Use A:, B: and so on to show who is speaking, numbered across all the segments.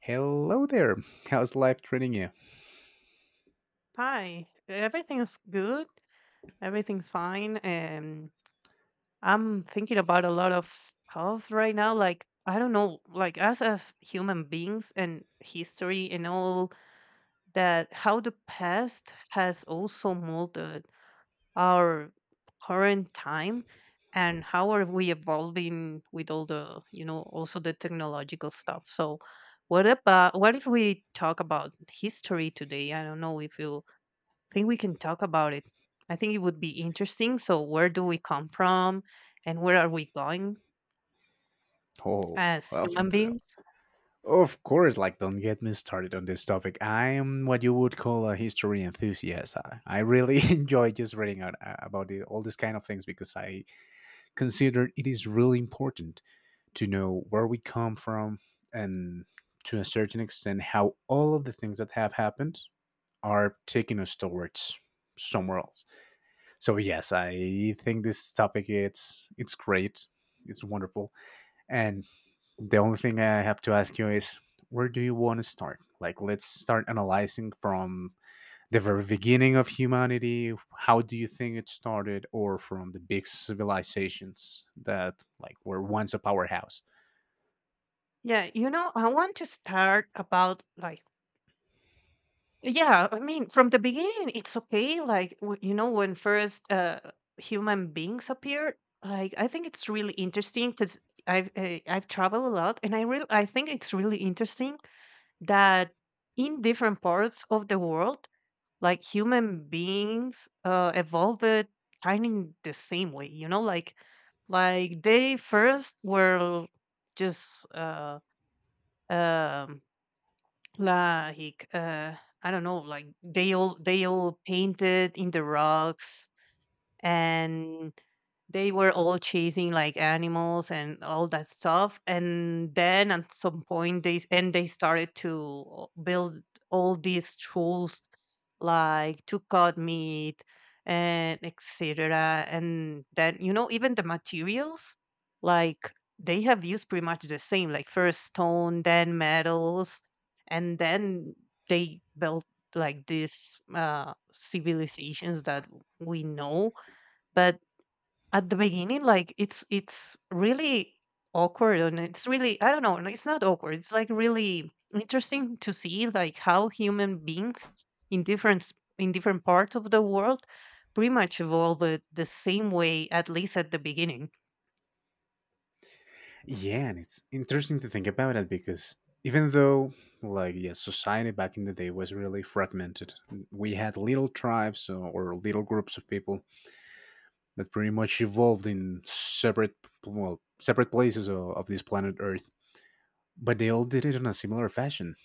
A: Hello there. How's life treating you?
B: Hi, everything's good. Everything's fine. And I'm thinking about a lot of stuff right now. Like, I don't know, like us as human beings and history and all that, how the past has also molded our current time, and how are we evolving with all the, also the technological stuff. So, what if we talk about history today? I don't know if you think we can talk about it. I think it would be interesting. So, where do we come from and where are we going
A: Oh,
B: as
A: of
B: human
A: the-
B: beings?
A: Of course, like don't get me started on this topic. I am what you would call a history enthusiast. I really enjoy just reading out about it, all these kind of things because I consider it is really important to know where we come from and to a certain extent how all of the things that have happened are taking us towards somewhere else. So yes, I think this topic it's great. It's wonderful. And the only thing I have to ask you is where do you want to start? Like, let's start analyzing from the very beginning of humanity. How do you think it started, or from the big civilizations that like were once a powerhouse?
B: Yeah, I want to start about, like, yeah, I mean, from the beginning, it's okay. Like, when first human beings appeared, like, I think it's really interesting because I've traveled a lot, and I think it's really interesting that in different parts of the world, like human beings evolved kind of the same way, like they first were just um like uh I don't know, like they all painted in the rocks, and they were all chasing like animals and all that stuff. And then at some point they s- and they started to build all these tools, like to cut meat and etc. And then, you know, even the materials, like they have used pretty much the same, like first stone, then metals, and then they built like these civilizations that we know. But at the beginning, like it's really awkward, and it's really, I don't know, it's not awkward, it's like really interesting to see like how human beings in different parts of the world pretty much evolved the same way, at least at the beginning.
A: Yeah, and it's interesting to think about it because even though like yeah, society back in the day was really fragmented. We had little tribes or little groups of people that pretty much evolved in separate, well, separate places of this planet Earth, but they all did it in a similar fashion.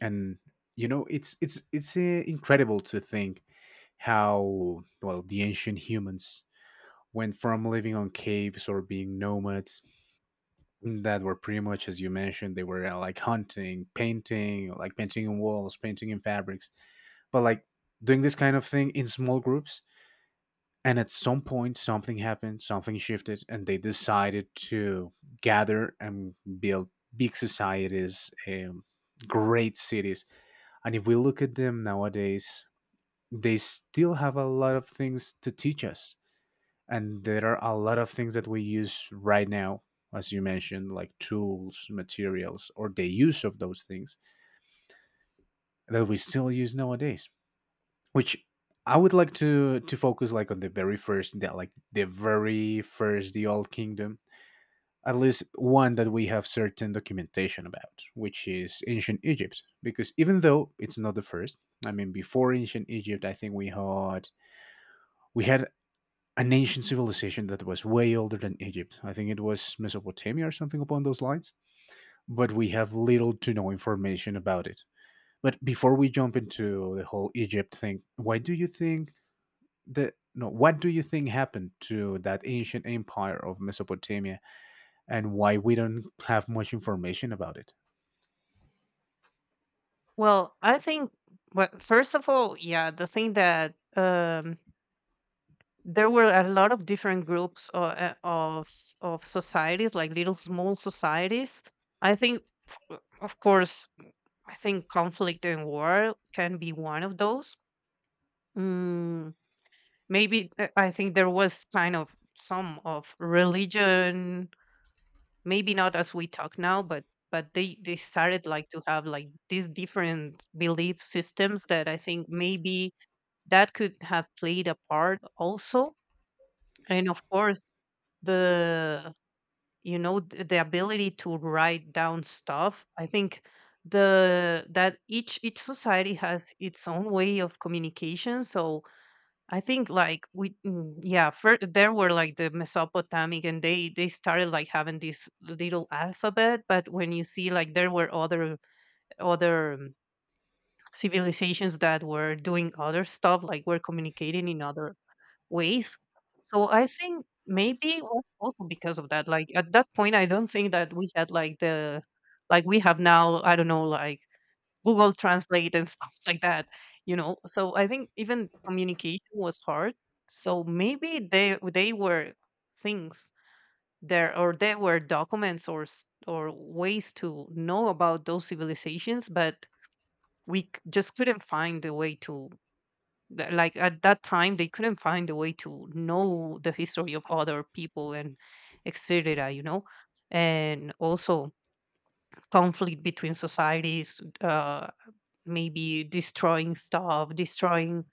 A: And it's incredible to think how well the ancient humans went from living on caves or being nomads, that were pretty much, as you mentioned, they were like hunting, painting, like painting in walls, painting in fabrics, but like doing this kind of thing in small groups. And at some point, something happened, something shifted, and they decided to gather and build big societies, great cities. And if we look at them nowadays, they still have a lot of things to teach us. And there are a lot of things that we use right now, as you mentioned, like tools, materials, or the use of those things that we still use nowadays, which I would like to focus like on the very first, the old kingdom, at least one that we have certain documentation about, which is ancient Egypt. Because even though it's not the first, I mean, before ancient Egypt, I think we had an ancient civilization that was way older than Egypt. I think it was Mesopotamia or something upon those lines. But we have little to no information about it. But before we jump into the whole Egypt thing, why do you think that no, what do you think happened to that ancient empire of Mesopotamia, and why we don't have much information about it?
B: Well, I think, well, first of all, yeah, the thing that there were a lot of different groups of societies, like little small societies. I think, of course, I think conflict and war can be one of those. Mm, maybe I think there was kind of some of religion, maybe not as we talk now, but but they started like to have like these different belief systems that I think maybe that could have played a part also. And of course, the, you know, the ability to write down stuff, I think, the that each society has its own way of communication. So I think like we, yeah, there were like the mesopotamic, and they started like having this little alphabet. But when you see, like, there were other civilizations that were doing other stuff, like were communicating in other ways. So I think maybe also because of that, like at that point, I don't think that we had like the, like we have now. I don't know, like Google Translate and stuff like that. You know, so I think even communication was hard. So maybe they were things there, or there were documents or or ways to know about those civilizations, but just couldn't find a way to, like at that time they couldn't find a way to know the history of other people and etc, you know. And also conflict between societies, maybe destroying stuff, destroying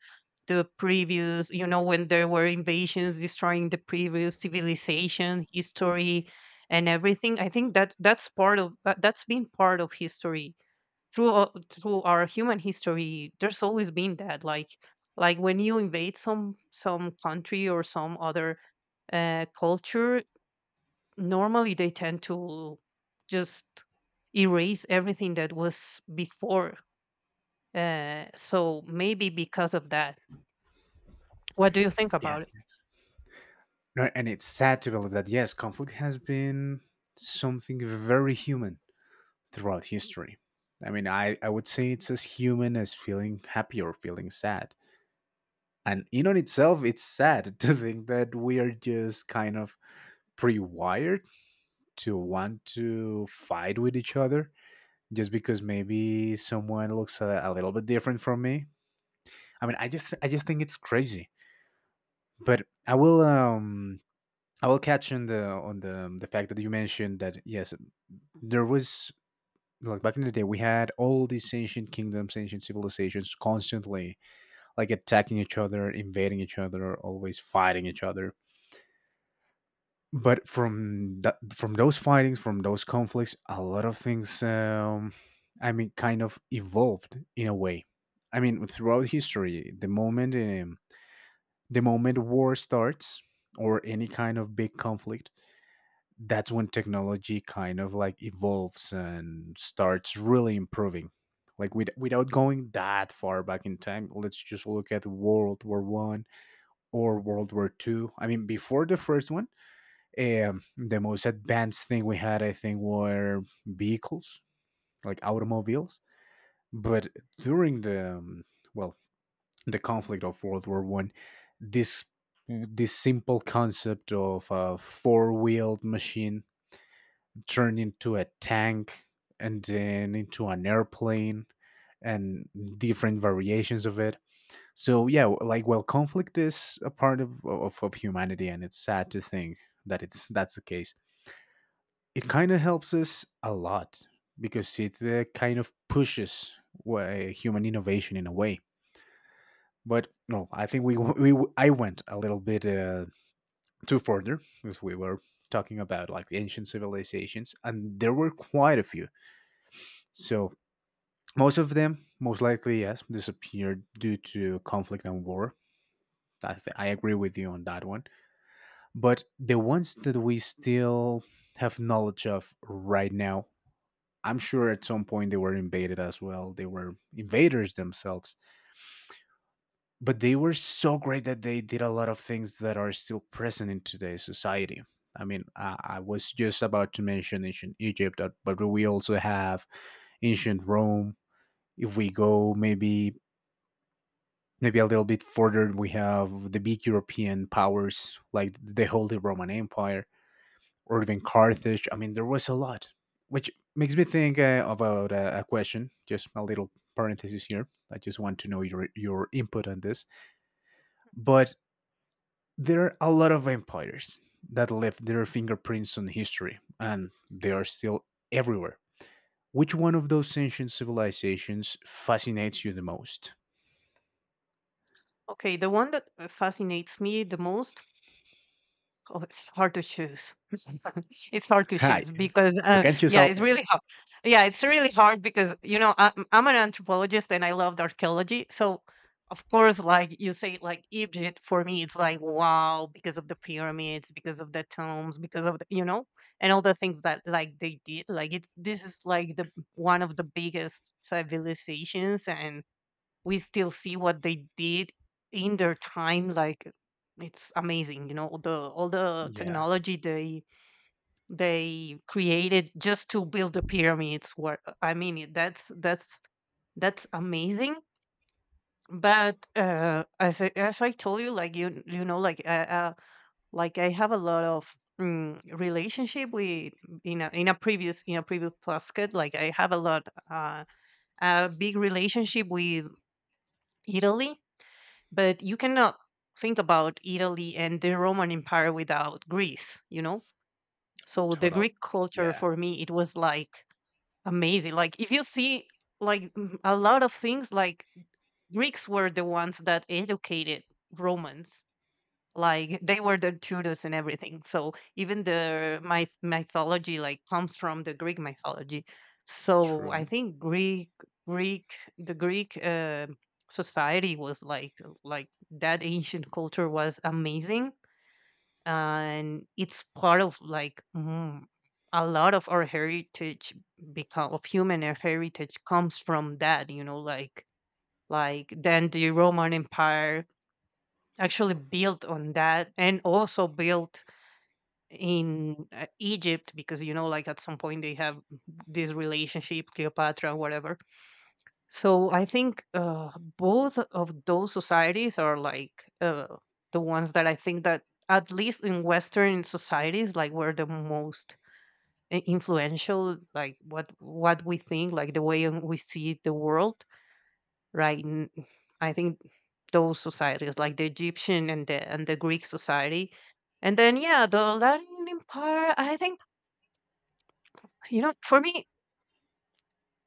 B: the previous, you know, when there were invasions, destroying the previous civilization history and everything. I think that that's been part of history through through our human history. There's always been that, like when you invade some country or some other culture, normally they tend to just erase everything that was before. So maybe because of that, what do you think
A: Yeah.
B: about it?
A: No, and it's sad to believe that, yes, conflict has been something very human throughout history. I mean, I would say it's as human as feeling happy or feeling sad. And in on itself, it's sad to think that we are just kind of pre-wired to want to fight with each other just because maybe someone looks a little bit different from me. I mean, I just think it's crazy. But I will catch on the fact that you mentioned that, yes, there was, like back in the day, we had all these ancient kingdoms, ancient civilizations constantly like attacking each other, invading each other, always fighting each other. But from that, from those fightings, from those conflicts, a lot of things, I mean, kind of evolved in a way. I mean, throughout history, the moment war starts, or any kind of big conflict, that's when technology kind of like evolves and starts really improving. Like, without going that far back in time, let's just look at World War I or World War II. I mean, before the first one, the most advanced thing we had, I think, were vehicles, like automobiles. But during the well the conflict of World War I, this this simple concept of a four-wheeled machine turned into a tank, and then into an airplane, and different variations of it. So yeah, like, well, conflict is a part of humanity, and it's sad to think that it's that's the case. It kind of helps us a lot because it kind of pushes human innovation in a way. But no, I think we I went a little bit too further because we were talking about like the ancient civilizations, and there were quite a few. So most of them, most likely, yes, disappeared due to conflict and war. I agree with you on that one. But the ones that we still have knowledge of right now, I'm sure at some point they were invaded as well. They were invaders themselves, but they were so great that they did a lot of things that are still present in today's society. I mean, I was just about to mention ancient Egypt, but we also have ancient Rome. If we go maybe a little bit further, we have the big European powers, like the Holy Roman Empire, or even Carthage. I mean, there was a lot, which makes me think about a question. Just a little parenthesis here, I just want to know your input on this. But there are a lot of empires that left their fingerprints on history, and they are still everywhere. Which one of those ancient civilizations fascinates you the most?
B: Okay, the one that fascinates me the most. Oh, it's hard to choose. It's hard to
A: Hi.
B: choose because,
A: You can choose
B: yeah,
A: out.
B: it's really hard. Yeah, it's really hard because, you know, I'm an anthropologist and I loved archaeology. So, of course, like you say, like Egypt for me, it's like, wow, because of the pyramids, because of the tombs, because of, the, you know, and all the things that like they did. Like, it's this is like the one of the biggest civilizations, and we still see what they did in their time. Like, it's amazing, you know, all the
A: Yeah.
B: technology they created just to build the pyramids were, that's that's amazing. But as as I told you, like you know, uh like I have a lot of, relationship with, in a, in a previous, in a previous basket, like I have a lot, a big relationship with Italy. But you cannot think about Italy and the Roman Empire without Greece, you know? So the
A: Total.
B: Greek culture
A: Yeah.
B: for me, it was like amazing. Like if you see like, a lot of things, like Greeks were the ones that educated Romans, like they were the tutors and everything. So even the my mythology, like comes from the Greek mythology. So I
A: True.
B: think Greek society was like that ancient culture was amazing, and it's part of like, a lot of our heritage, become of human heritage comes from that, you know. Like then the Roman Empire actually built on that, and also built in Egypt, because you know, like at some point they have this relationship, Cleopatra whatever. So I think both of those societies are like, uh, the ones that I think that, at least in western societies, like were the most influential, like what we think, like the way in we see the world, right? I think those societies, like the Egyptian and the Greek society, and then yeah, the Latin Empire. I think, you know, for me,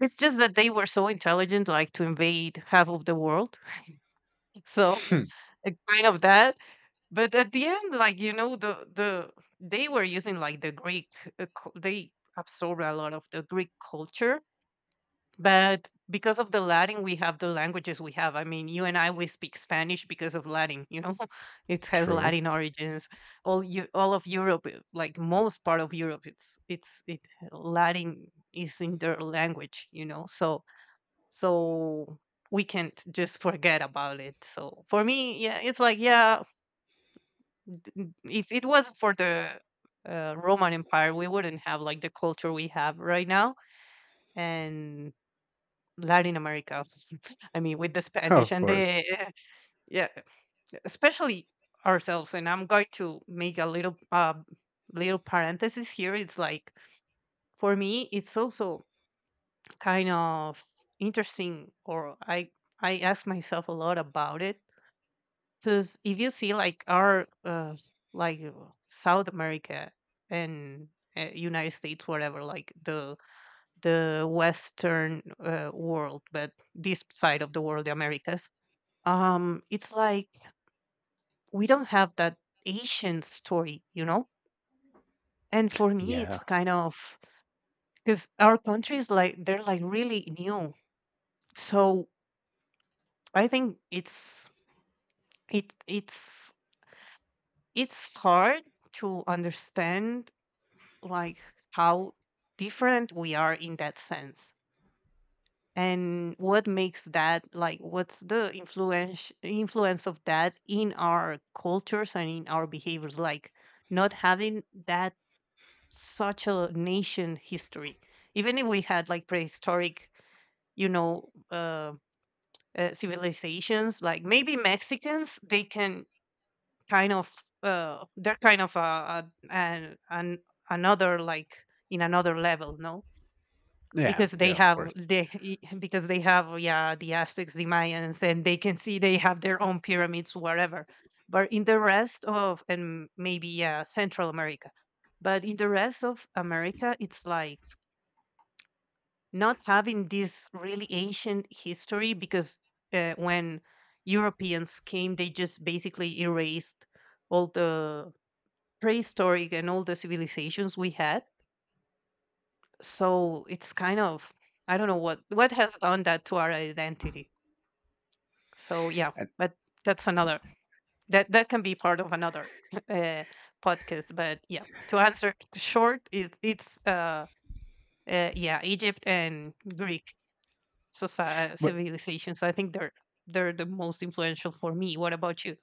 B: it's just that they were so intelligent, like to invade half of the world. So
A: Hmm.
B: kind of that. But at the end, like you know, the they were using like the Greek. They absorbed a lot of the Greek culture. But because of the Latin, we have the languages we have. I mean, you and I we speak Spanish because of Latin. You know, it has
A: True.
B: Latin origins. All of Europe, like most part of Europe, it Latin is in their language. You know, so we can't just forget about it. So for me, yeah, it's like, yeah, if it wasn't for the Roman Empire, we wouldn't have like the culture we have right now, and Latin America, I mean, with the
A: Oh,
B: Spanish
A: of
B: and
A: course.
B: the, yeah, especially ourselves. And I'm going to make a little parenthesis here. It's like for me, it's also kind of interesting, or I ask myself a lot about it, because if you see like our like South America and United States, whatever, like the Western world, but this side of the world, the Americas, it's like we don't have that ancient story, you know? And for me,
A: Yeah.
B: it's kind of, because our countries like they're like really new. So I think it's it's hard to understand, like, how different we are in that sense, and what makes that, like what's the influence of that in our cultures and in our behaviors, like not having that such a nation history. Even if we had like prehistoric, you know, civilizations, like maybe Mexicans, they can kind of, they're kind of an another, like in another level, no?
A: Yeah.
B: Because
A: Yeah. Of course.
B: they because they have, yeah, the Aztecs, the Mayans, and they can see they have their own pyramids, whatever. But in the rest of, and maybe yeah Central America, but in the rest of America, it's like not having this really ancient history, because when Europeans came, they just basically erased all the prehistoric and all the civilizations we had. So it's kind of, I don't know what has done that to our identity. So yeah,
A: And
B: but that's another, that that can be part of another uh, podcast. But yeah, to answer short, it's yeah, Egypt and Greek,
A: but,
B: civilizations. So I think they're the most influential for me. What about you?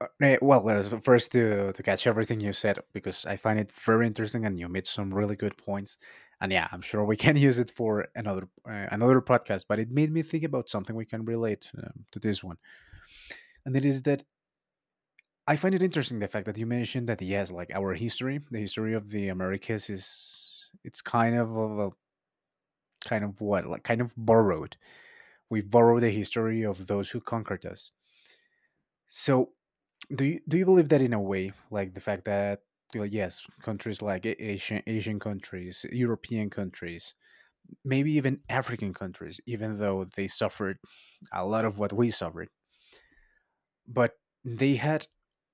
A: well, so first to catch everything you said, because I find it very interesting and you made some really good points. And yeah, I'm sure we can use it for another podcast. But it made me think about something we can relate to this one, and it is that. I find it interesting the fact that you mentioned that, yes, like our history, the history of the Americas is it's kind of a, kind of what like kind of borrowed. We borrow the history of those who conquered us. So, do you believe that in a way, like the fact that, well, yes, countries like Asian countries, European countries, maybe even African countries, even though they suffered a lot of what we suffered, but they had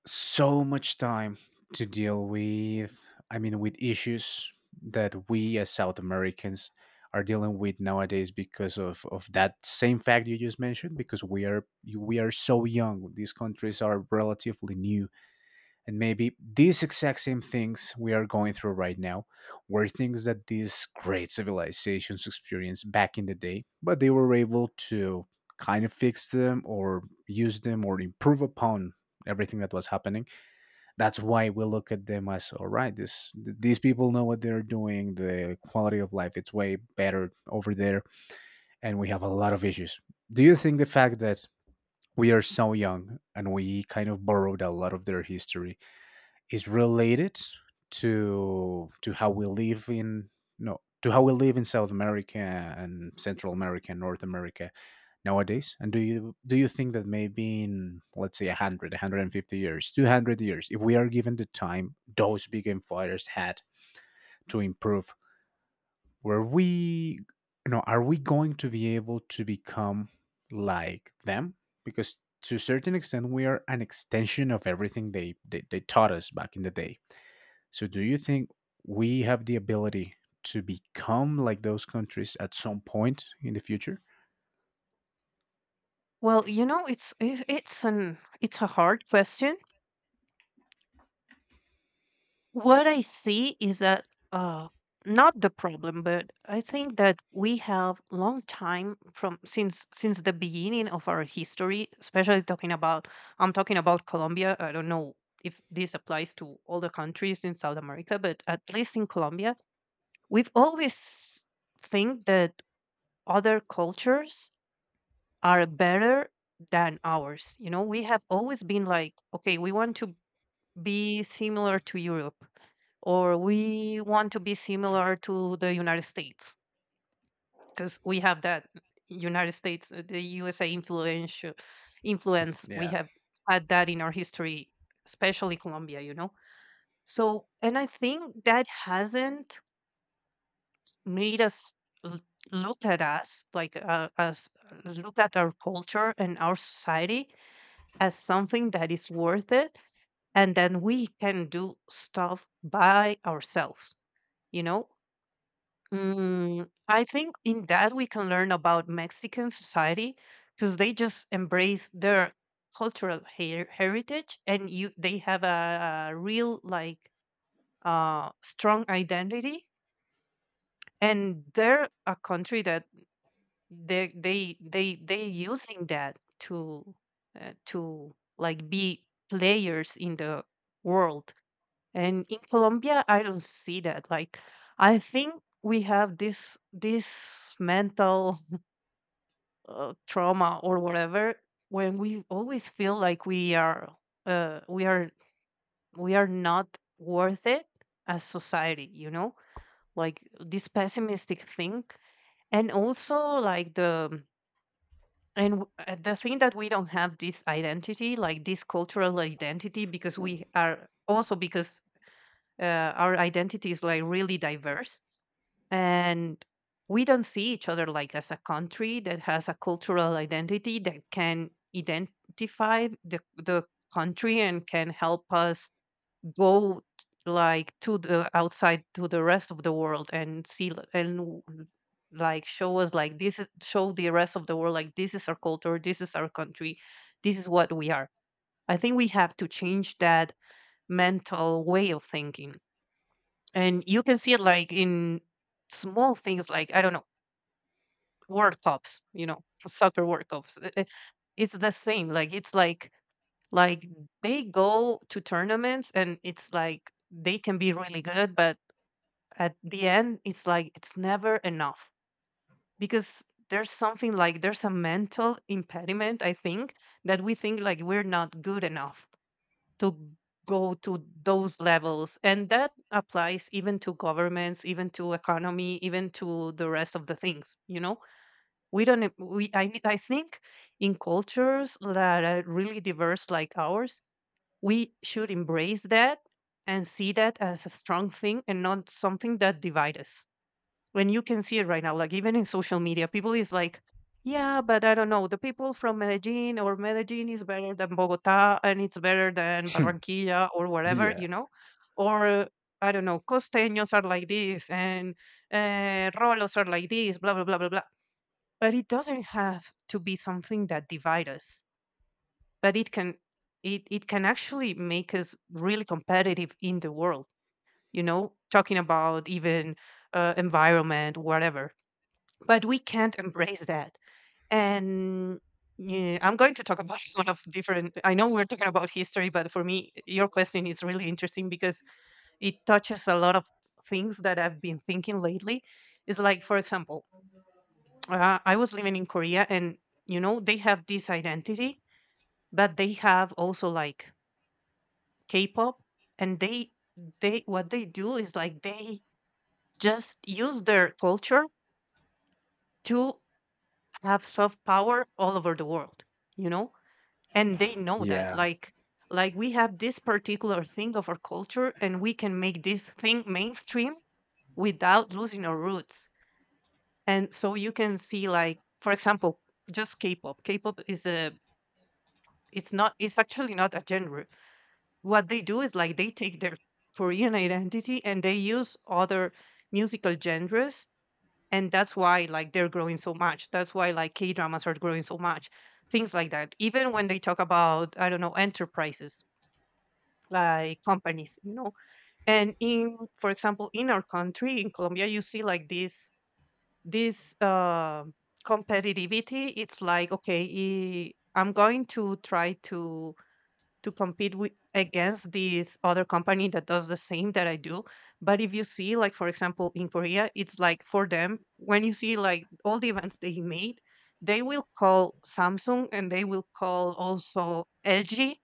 A: so much time to deal with, I mean, with issues that we as South Americans are dealing with nowadays because of that same fact you just mentioned, because we are so young, these countries are relatively new, and maybe these exact same things we are going through right now were things that these great civilizations experienced back in the day, but they were able to kind of fix them or use them or improve upon everything that was happening. That's why we look at them as, all right, these people know what they're doing, the quality of life it's way better over there, and we have a lot of issues. Do you think the fact that we are so young and we kind of borrowed a lot of their history is related to how we live in no to how we live in South America and Central America and North America nowadays, and do you think that maybe, in let's say 100 150 years, 200 years, if we are given the time those big empires had to improve, were we you know are we going to be able to become like them? Because to a certain extent, we are an extension of everything they taught us back in the day. So, do you think we have the ability to become like those countries at some point in the future?
B: Well, you know, it's an it's a hard question. What I see is that uh, not the problem, but I think that we have long time from since the beginning of our history, especially talking about, I'm talking about Colombia. I don't know if this applies to all the countries in South America, but at least in Colombia, we've always think that other cultures are better than ours. We have always been like, okay, we want to be similar to Europe or we want to be similar to the United States because we have that United States, the USA influence. We
A: Yeah.
B: have had that in our history, especially Colombia. So, and I think that hasn't made us l- look at us like, us look at our culture and our society as something that is worth it, and then we can do stuff by ourselves you know I think in that we can learn about Mexican society, because they just embrace their cultural heritage, and you they have a real, like, strong identity, and they're a country that they using that to like be players in the world. And in Colombia, I don't see that. Like, I think we have this mental trauma or whatever, when we always feel like uh, we are we are not worth it as society. Like this pessimistic thing. And also, like the thing that we don't have this identity, like this cultural identity, because we are also because our identity is like really diverse, and we don't see each other like as a country that has a cultural identity that can identify the country and can help us go t- like, to the outside, to the rest of the world, and see, like, show us like this is show the rest of the world like this is our culture, this is our country, this is what we are. I think we have to change that mental way of thinking, and you can see it like in small things, like, I don't know, World Cups, for soccer World Cups. It's the same. Like, it's like they go to tournaments, and it's like they can be really good, but at the end it's like it's never enough, because there's something like there's a mental impediment, I think, that we think like we're not good enough to go to those levels, and that applies even to governments, even to economy, even to the rest of the things. We don't e- we I need- I think in cultures that are really diverse like ours, we should embrace that and see that as a strong thing and not something that divide us. When you can see it right now, like even in social media, people is like, yeah, but I don't know, the people from Medellin, or Medellin is better than Bogota, and it's better than Barranquilla or whatever
A: Yeah.
B: you know Or, I don't know, costeños are like this, and rolos are like this, blah blah blah blah blah. But it doesn't have to be something that divide us, but it can, it can actually make us really competitive in the world, you know, talking about even, environment, whatever. But we can't embrace that. And yeah, I'm going to talk about a lot of different, I know we're talking about history, but for me your question is really interesting, because it touches a lot of things that I've been thinking lately. It's like, for example, I was living in Korea, and you know they have this identity, but they have also like K-pop, and they what they do is like they just use their culture to have soft power all over the world, you know, and they know that,
A: Yeah.
B: like, we have this particular thing of our culture, and we can make this thing mainstream without losing our roots. And so you can see, like, for example, just K-pop. K-pop is a it's not it's actually not a genre. What they do is like they take their Korean identity, and they use other musical genres, and that's why like they're growing so much, that's why like K dramas are growing so much, things like that. Even when they talk about, I don't know, enterprises, like companies. And in, for example, in our country, in Colombia, you see like this this uh, competitivity. It's like, okay, I'm going to try to compete with against this other company that does the same that I do. But if you see, like for example, in Korea, it's like for them, when you see like all the events they made, they will call Samsung, and they will call also LG,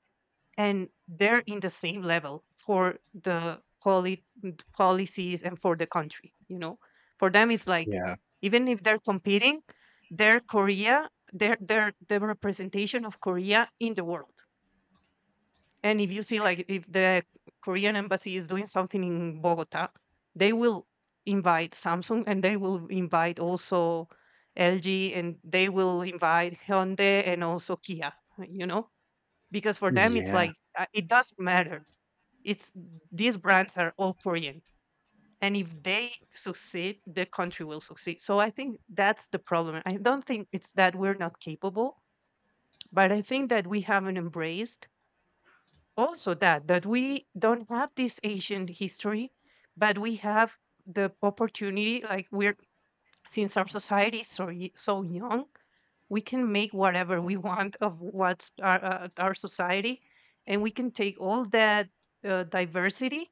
B: and they're in the same level for the policies and for the country. You know, for them it's like,
A: Yeah.
B: even if they're competing, they're Korea, they're the representation of Korea in the world. And if you see, like, if the Korean embassy is doing something in Bogota, they will invite Samsung, and they will invite also LG, and they will invite Hyundai and also Kia, you know, because for them it's
A: Yeah.
B: like, it doesn't matter. It's these brands are all Korean. And if they succeed, the country will succeed. So I think that's the problem. I don't think it's that we're not capable, but I think that we haven't embraced also, that that we don't have this ancient history, but we have the opportunity, like we're since our society is so young, we can make whatever we want of what's our society. And we can take all that, diversity,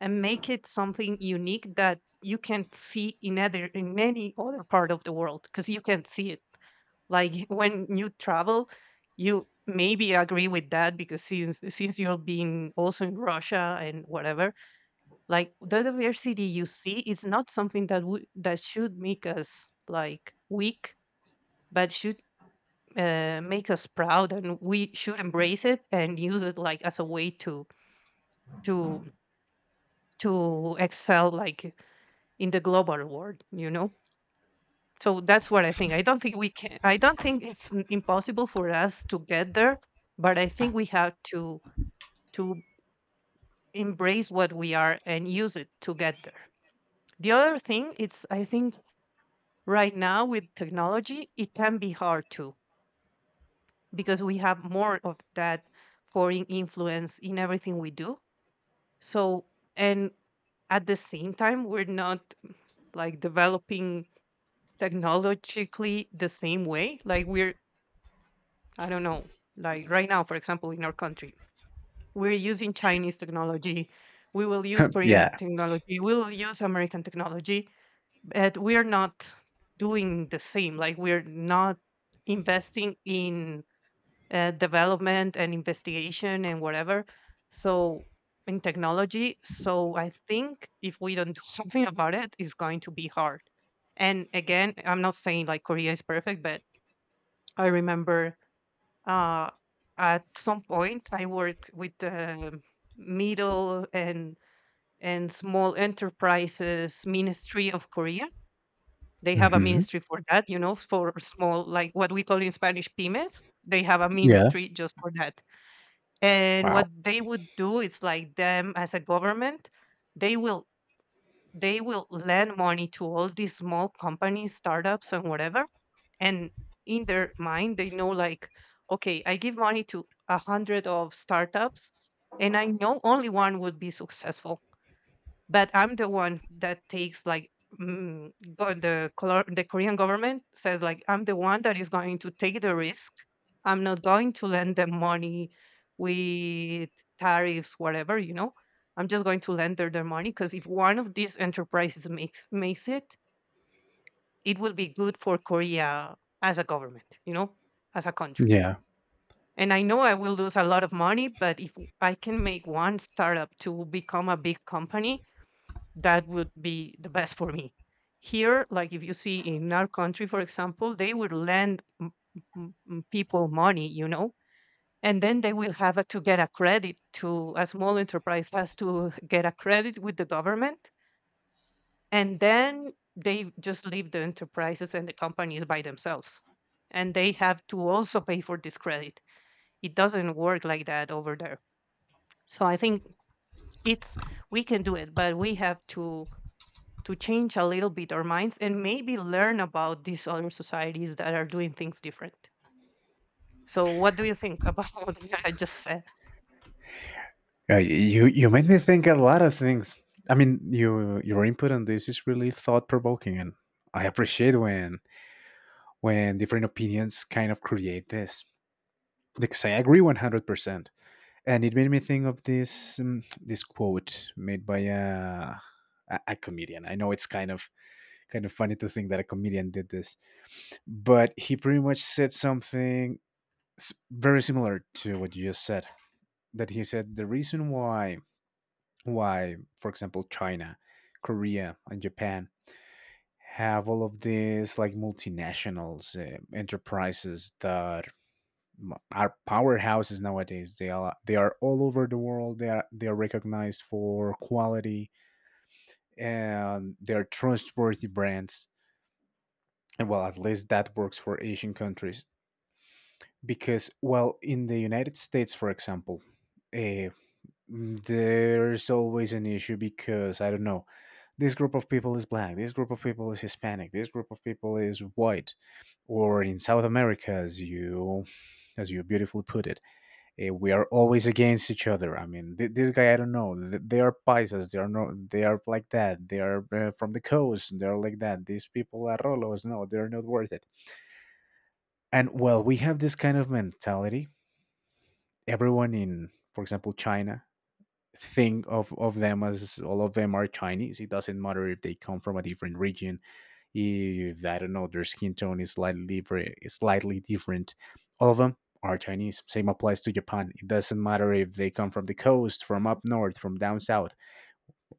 B: and make it something unique that you can't see in other in any other part of the world, because you can't see it, like when you travel. You maybe agree with that, because since you've been also in Russia, and whatever. Like, the diversity you see is not something that would that should make us like weak, but should, make us proud, and we should embrace it and use it like as a way to to excel, like, in the global world, you know. So that's what I think. I don't think we can I don't think it's impossible for us to get there, but I think we have to, to embrace what we are and use it to get there. The other thing, it's, I think right now with technology it can be hard too, because we have more of that foreign influence in everything we do. So, and at the same time we're not, like, developing technologically the same way, like we're, I don't know, like right now, for example, in our country, we're using Chinese technology, we will use Korean
A: Yeah.
B: technology, we will use American technology, but we're not doing the same. Like, we're not investing in, development and investigation and whatever. So, in technology. So I think if we don't do something about it, it's going to be hard. And again, I'm not saying like Korea is perfect, but I remember, uh, at some point I worked with the middle and small enterprises ministry of Korea. They have a
A: Hmm.
B: ministry for that, you know, for small, like what we call in Spanish pymes. They have a
A: Yeah.
B: ministry just for that. And what
A: Wow.
B: they would do is like them as a government, they will they will lend money to all these small companies, startups, and whatever. And in their mind they know, like, okay, I give money to 100 of startups, and I know only one would be successful, but I'm the one that takes, like, the Korean government says, like, I'm the one that is going to take the risk. I'm not going to lend them money with tariffs, whatever. I'm just going to lend them their money, because if one of these enterprises makes it, it will be good for Korea as a government, as a country.
A: Yeah.
B: And I know I will lose a lot of money, but if I can make one startup to become a big company, that would be the best for me. Here, like, if you see in our country, for example, they would lend people money, and then they will have to get a credit. To a small enterprise has to get a credit with the government, and then they just leave the enterprises and the companies by themselves, and they have to also pay for this credit. It doesn't work like that over there. So I think it's we can do it, but we have to, change a little bit our minds, and maybe learn about these other societies that are doing things different. So what do you think about what I just said?
A: You made me think a lot of things. I mean, your input on this is really thought provoking, and I appreciate when different opinions kind of create this because I agree 100%. And it made me think of this, this quote made by a comedian. I know it's kind of funny to think that a comedian did this, but he pretty much said something very similar to what you just said. That he said the reason why, for example, China, Korea, and Japan have all of these like multinationals enterprises that are powerhouses nowadays. They are all over the world. They are recognized for quality, and they are trustworthy brands. And, well, at least that works for Asian countries because, well, in the United States, for example, eh, there's always an issue because I don't know. This group of people is black. This group of people is Hispanic. This group of people is white, or in South America, as you beautifully put it. We are always against each other. I mean, this guy, I don't know. They are paisas. They are no. They are like that. They are from the coast. They are like that. These people are rolos. No, they are not worth it. And well, we have this kind of mentality. Everyone in, for example, China, think of them as all of them are Chinese. It doesn't matter if they come from a different region if I don't know their skin tone is slightly different. All of them are Chinese. Same applies to Japan. It doesn't matter if they come from the coast, from up north, from down south.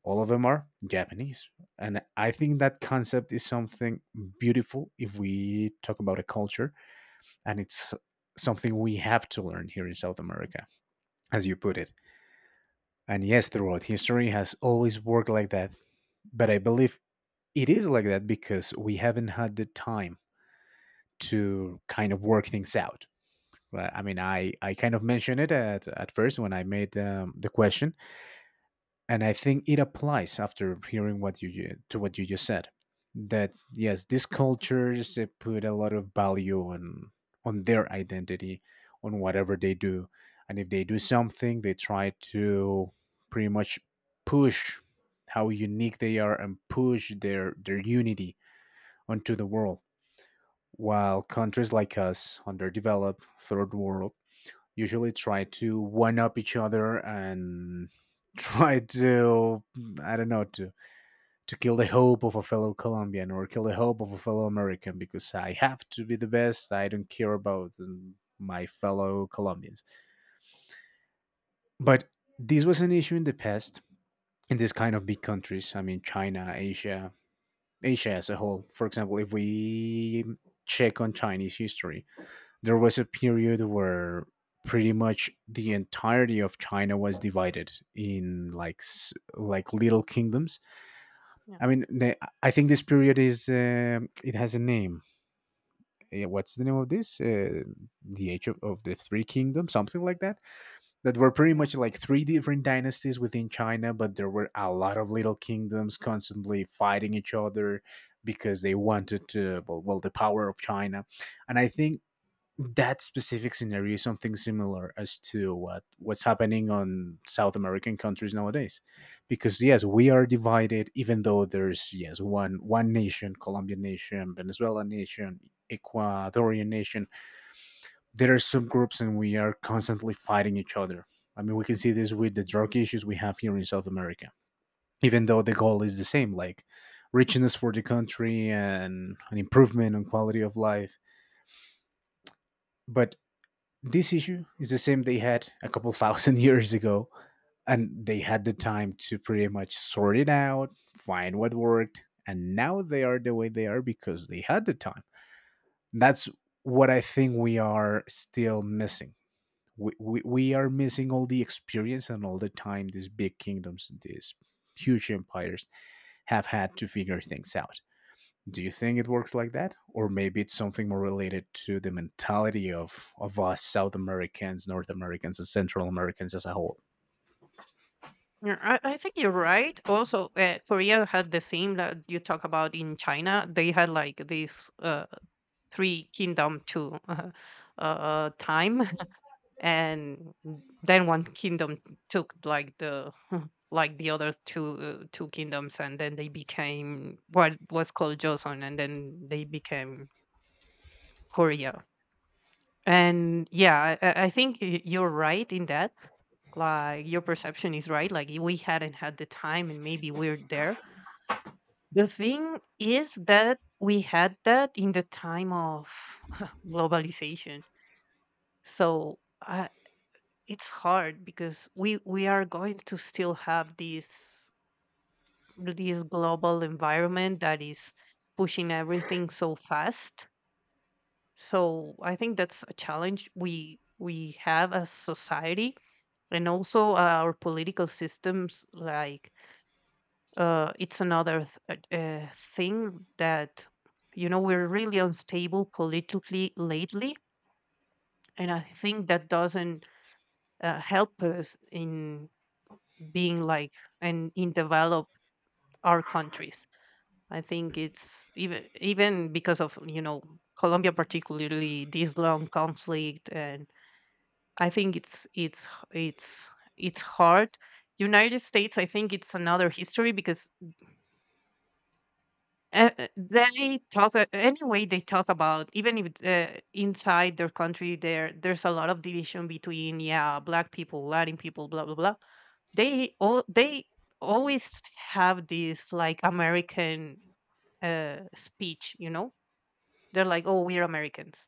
A: All of them are Japanese. And I think that concept is something beautiful if we talk about a culture, and it's something we have to learn here in South America, as you put it. And yes, throughout history has always worked like that. But I believe it is like that because we haven't had the time to kind of work things out. Well, I mean, I kind of mentioned it at first when I made the question, and I think it applies after hearing what you to what you just said. That yes, these cultures they put a lot of value on their identity, on whatever they do, and if they do something, they try to pretty much push how unique they are and push their unity onto the world while countries like us, underdeveloped, third world, usually try to one up each other and try to, I don't know, to kill the hope of a fellow Colombian or kill the hope of a fellow American because I have to be the best. I don't care about my fellow Colombians. But this was an issue in the past in this kind of big countries. I mean, China, Asia, Asia as a whole. For example, if we check on Chinese history, there was a period where pretty much the entirety of China was divided in like little kingdoms.
B: Yeah,
A: I mean, the- I think this period is, it has a name. What's the name of this? The Age of the Three Kingdoms, something like that. That were pretty
B: yeah.
A: much like three different dynasties within China, but there were a lot of little kingdoms constantly fighting each other because they wanted to well the power of China. And I think that specific scenario is something similar as to what's happening on South American countries nowadays, because yes, we are divided. Even though there's yes one nation, Colombian nation, Venezuelan nation, Ecuadorian nation, there are subgroups, and we are constantly fighting each other. I mean, we can see this with the drug issues we have here in South America. Even though the goal is the same, like richness for the country and an improvement on quality of life, but this issue is the same they had a couple thousand years ago, and they had the time to pretty much sort it out, find what worked, and now they are the way they are because they had the time. That's what I think we are still missing. We are missing all the experience and all the time these big kingdoms and these huge empires have had to figure things out. Do you think it works like that? Or maybe it's something more related to the mentality of us South Americans, North Americans, and Central Americans as a whole.
B: Yeah, I think you're right. Also, Korea had the same that you talk about in China. They had like this, three kingdom to time, and then one kingdom took like the like the other two kingdoms, and then they became what was called Joseon, and then they became Korea. And yeah, I think you're right in that like your perception is right. Like we hadn't had the time, and maybe we're there. The thing is that we had that in the time of globalization. So I, it's hard because we are going to still have this global environment that is pushing everything so fast. So I think that's a challenge we have as society, and also our political systems like it's another thing that you know we're really unstable politically lately, and I think that doesn't help us in being like and in developed our countries. I think it's even because of you know Colombia, particularly this long conflict. And I think it's it's hard. United States, I think it's another history because they talk anyway. They talk about even if inside their country, there's a lot of division between, yeah, black people, Latin people, blah blah blah. They always have this like American speech. You know, they're like, oh, we're Americans.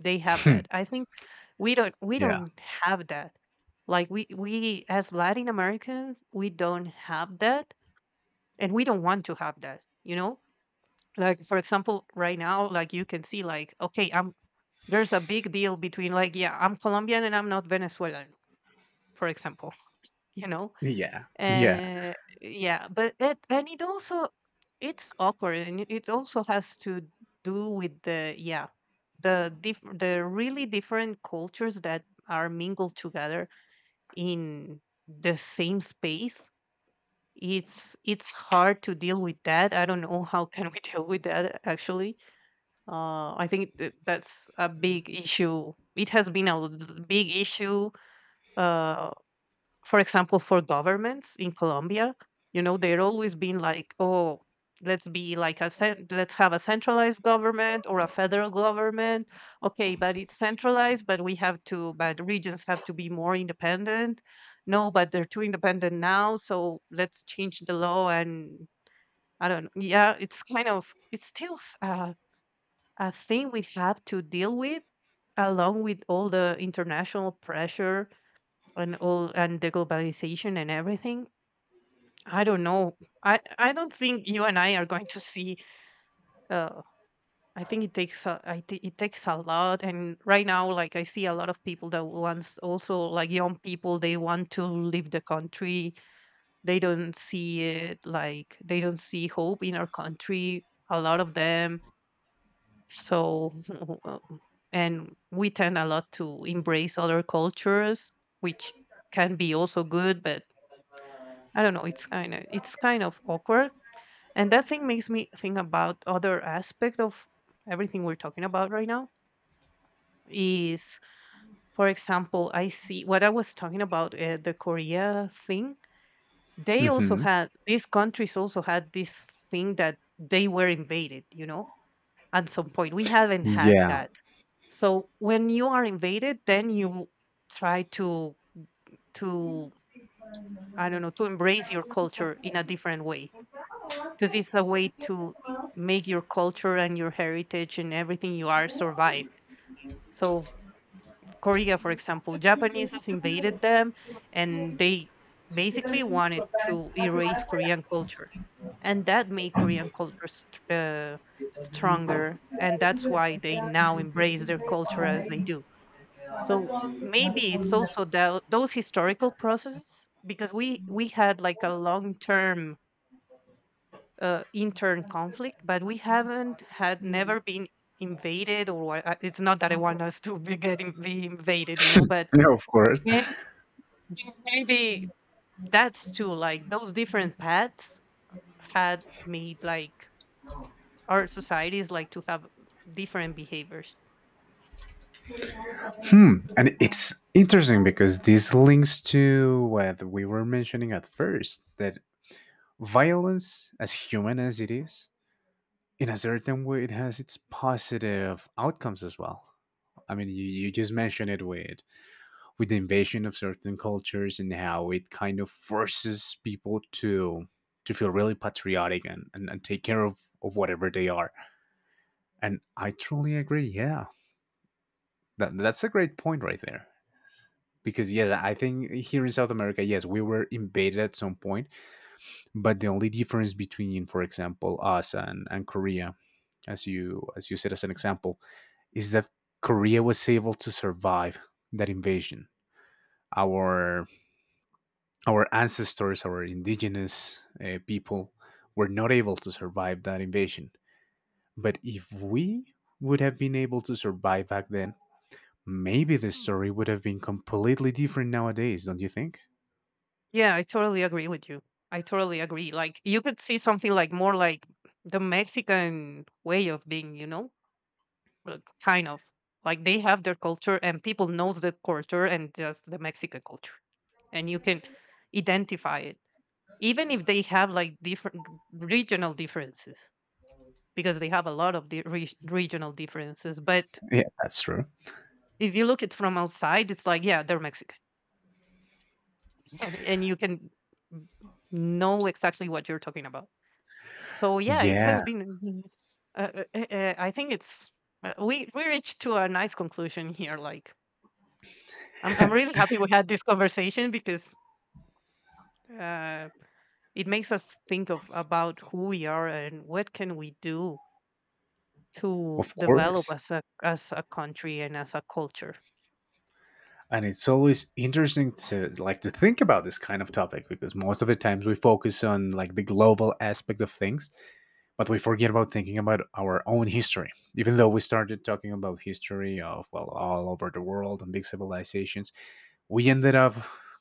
B: They have
A: Hmm.
B: that. I think we don't we
A: Yeah.
B: don't have that. Like we as Latin Americans, we don't have that, and we don't want to have that. You know, like for example right now, like you can see like, okay, I'm there's a big deal between like, yeah, I'm Colombian and I'm not Venezuelan, for example. You know,
A: Yeah. Yeah.
B: uh, yeah, but it also it's awkward, and it also has to do with the, yeah, the the really different cultures that are mingled together in the same space. It's hard to deal with that. I don't know how can we deal with that actually. I think that's a big issue. It has been a big issue, uh, for example, for governments in Colombia. You know, they're always been like, oh, let's be like a let's have a centralized government or a federal government. Okay, but it's centralized, but regions have to be more independent. No, but they're too independent now, so let's change the law and I don't know. Yeah, it's kind of it's still a thing we have to deal with, along with all the international pressure and all and the globalization and everything. I don't know. I don't think you and I are going to see uh I think it takes a, it takes a lot. And right now, like I see a lot of people that wants, also like young people, they want to leave the country. They don't see it, like they don't see hope in our country, a lot of them. So, uh, and we tend a lot to embrace other cultures, which can be also good, but I don't know. It's kind of awkward, and that thing makes me think about other aspect of everything we're talking about right now. Is, for example, I see what I was talking about, the Korea thing. They also
A: Hmm.
B: had these countries also had this thing that they were invaded, you know, at some point. We haven't had
A: Yeah.
B: that. So when you are invaded, then you try to I don't know, to embrace your culture in a different way, because it's a way to make your culture and your heritage and everything you are survive. So Korea, for example, Japanese invaded them, and they basically wanted to erase Korean culture, and that made Korean culture stronger, and that's why they now embrace their culture as they do. So maybe it's also those historical processes because we had like a long term intern conflict, but we haven't had, never been invaded or it's not that I want us to be getting be invaded, you know, but
A: Yeah, of course.
B: may- maybe that's too, like those different paths had made like our societies like to have different behaviors.
A: Hmm. And it's interesting because this links to what we were mentioning at first that violence, as human as it is, in a certain way, it has its positive outcomes as well. I mean, you just mentioned it with the invasion of certain cultures and how it kind of forces people to feel really patriotic and take care of whatever they are. And I truly agree. Yeah, that's a great point right there. Because, yeah, I think here in South America, yes, we were invaded at some point, but the only difference between, for example, us and Korea, as you said as an example, is that Korea was able to survive that invasion. Our our ancestors, our indigenous people, were not able to survive that invasion. But if we would have been able to survive back then, maybe the story would have been completely different nowadays, don't you think?
B: Yeah, I totally agree with you. I totally agree. Like you could see something like more like the Mexican way of being, you know, like, kind of like they have their culture and people knows the culture and just the Mexican culture, and you can identify it, even if they have like different regional differences, because they have a lot of the regional differences. But
A: Yeah, that's true.
B: if you look it from outside, it's like, yeah, they're Mexican, and you can know exactly what you're talking about. So yeah, it
A: Yeah,
B: has been. I think it's we reached to a nice conclusion here. Like I'm really happy we had this conversation because uh, it makes us think of about who we are and what can we do to
A: of
B: develop
A: course.
B: as a country and as a culture.
A: And it's always interesting to like to think about this kind of topic because most of the times we focus on like the global aspect of things, but we forget about thinking about our own history. Even though we started talking about history of well all over the world and big civilizations, we ended up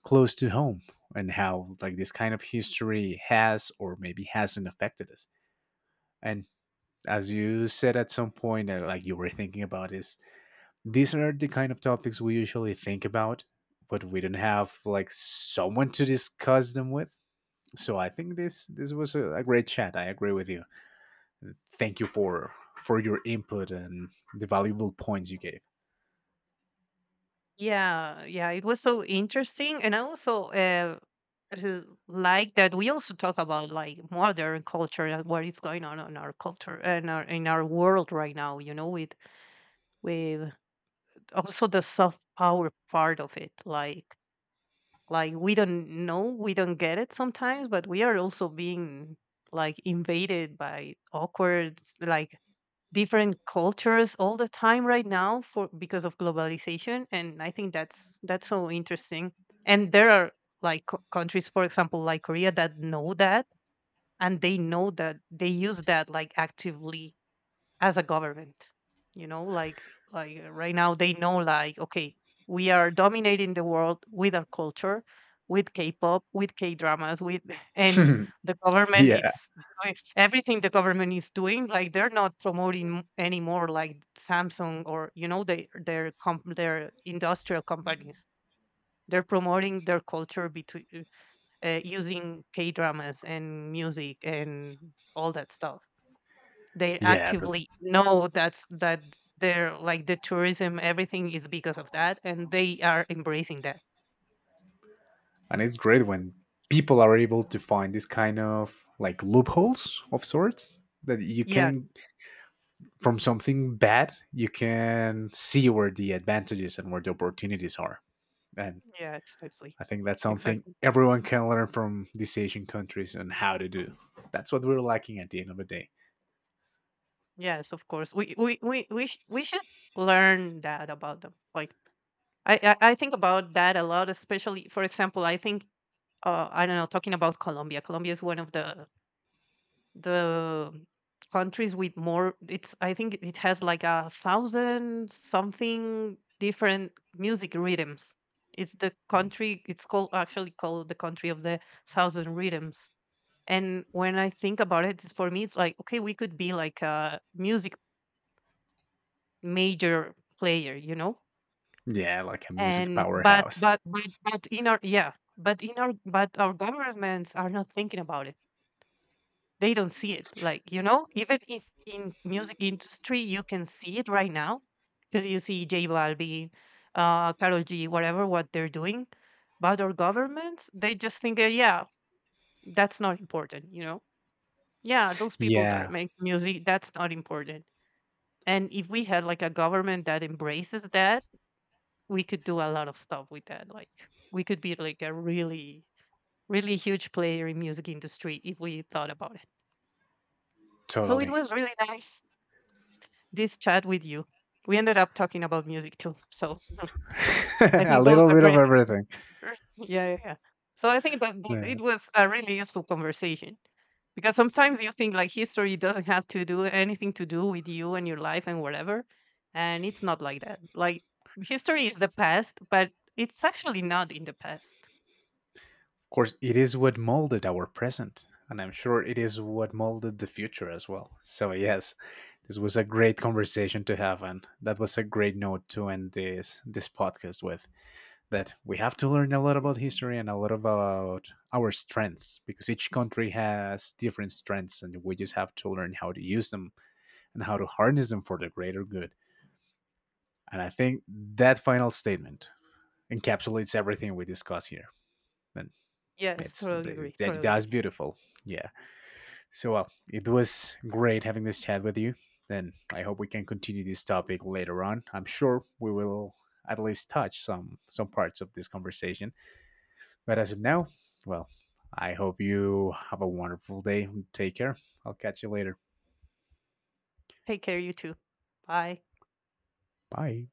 A: close to home and how like this kind of history has or maybe hasn't affected us. And as you said at some point, like you were thinking about, is these are the kind of topics we usually think about, but we don't have like someone to discuss them with. So I think this was a great chat. I agree with you thank you for your input and the valuable points you gave.
B: Yeah, yeah, it was so interesting, and I also like that we also talk about like modern culture and what is going on in our culture and our in our world right now. You know, with with also the soft power part of it, like we don't know, we don't get it sometimes, but we are also being like invaded by awkward like different cultures all the time right now, for because of globalization. And I think that's so interesting. And there are like countries, for example like Korea, that know that, and they know that they use that like actively as a government. You know, like right now they know like, okay, we are dominating the world with our culture, with K-pop, with K-dramas, with and the government
A: yeah,
B: it's doing everything. The government is doing, like they're not promoting anymore like Samsung or you know they, their their industrial companies. They're promoting their culture between, using K-dramas and music and all that stuff. They
A: yeah, that's
B: actively know that they're like the tourism, everything is because of that, and they are embracing that.
A: and it's great when people are able to find this kind of like loopholes of sorts that you
B: Yeah,
A: can from something bad you can see where the advantages and where the opportunities are and
B: yeah, exactly.
A: I think that's something
B: Exactly.
A: everyone can learn from these asian countries and how to do that's what we're lacking at the end of the day
B: Yes, of course, we should learn that about them. Like I think about that a lot, especially for example, I think I don't know, talking about Colombia, Colombia is one of the countries with more, it's I think it has like a thousand something different music rhythms. It's the country, it's called actually called the country of the thousand rhythms. And when I think about it, it's- for me it's like, okay, we could be like a music major player, you know.
A: yeah like a music
B: And
A: powerhouse
B: but in our yeah but in our but our governments are not thinking about it. They don't see it, like you know, even if in music industry you can see it right now because you see J Balvin, Carol G, whatever what they're doing. But our governments, they just think, yeah, that's not important, you know. Yeah, those people that are
A: yeah
B: making music, that's not important. And if we had like a government that embraces that, we could do a lot of stuff with that. Like we could be like a really really huge player in music industry if we thought about it. So it
A: totally
B: was really nice this chat with you. We ended up talking about music too. So I
A: a
B: think those
A: little
B: are
A: bit of
B: great.
A: everything.
B: Yeah, yeah, yeah. So I think that
A: Yeah.
B: it was a really useful conversation, because sometimes you think like history doesn't have to do anything to do with you and your life and whatever. And it's not like that. Like history is the past, but it's actually not in the past.
A: Of course, it is what molded our present, and I'm sure it is what molded the future as well. So, yes, this was a great conversation to have, and that was a great note to end this this podcast with. That we have to learn a lot about history and a lot about our strengths because each country has different strengths, and we just have to learn how to use them and how to harness them for the greater good. And I think that final statement encapsulates everything we discuss here. And
B: Yes,
A: It's
B: totally agree.
A: that
B: Totally
A: that's
B: agree.
A: beautiful. Yeah. So well, it was great having this chat with you. Then I hope we can continue this topic later on. I'm sure we will at least touch some parts of this conversation. But as of now, well, I hope you have a wonderful day. Take care. I'll catch you later.
B: Take care, you too. Bye.
A: Bye.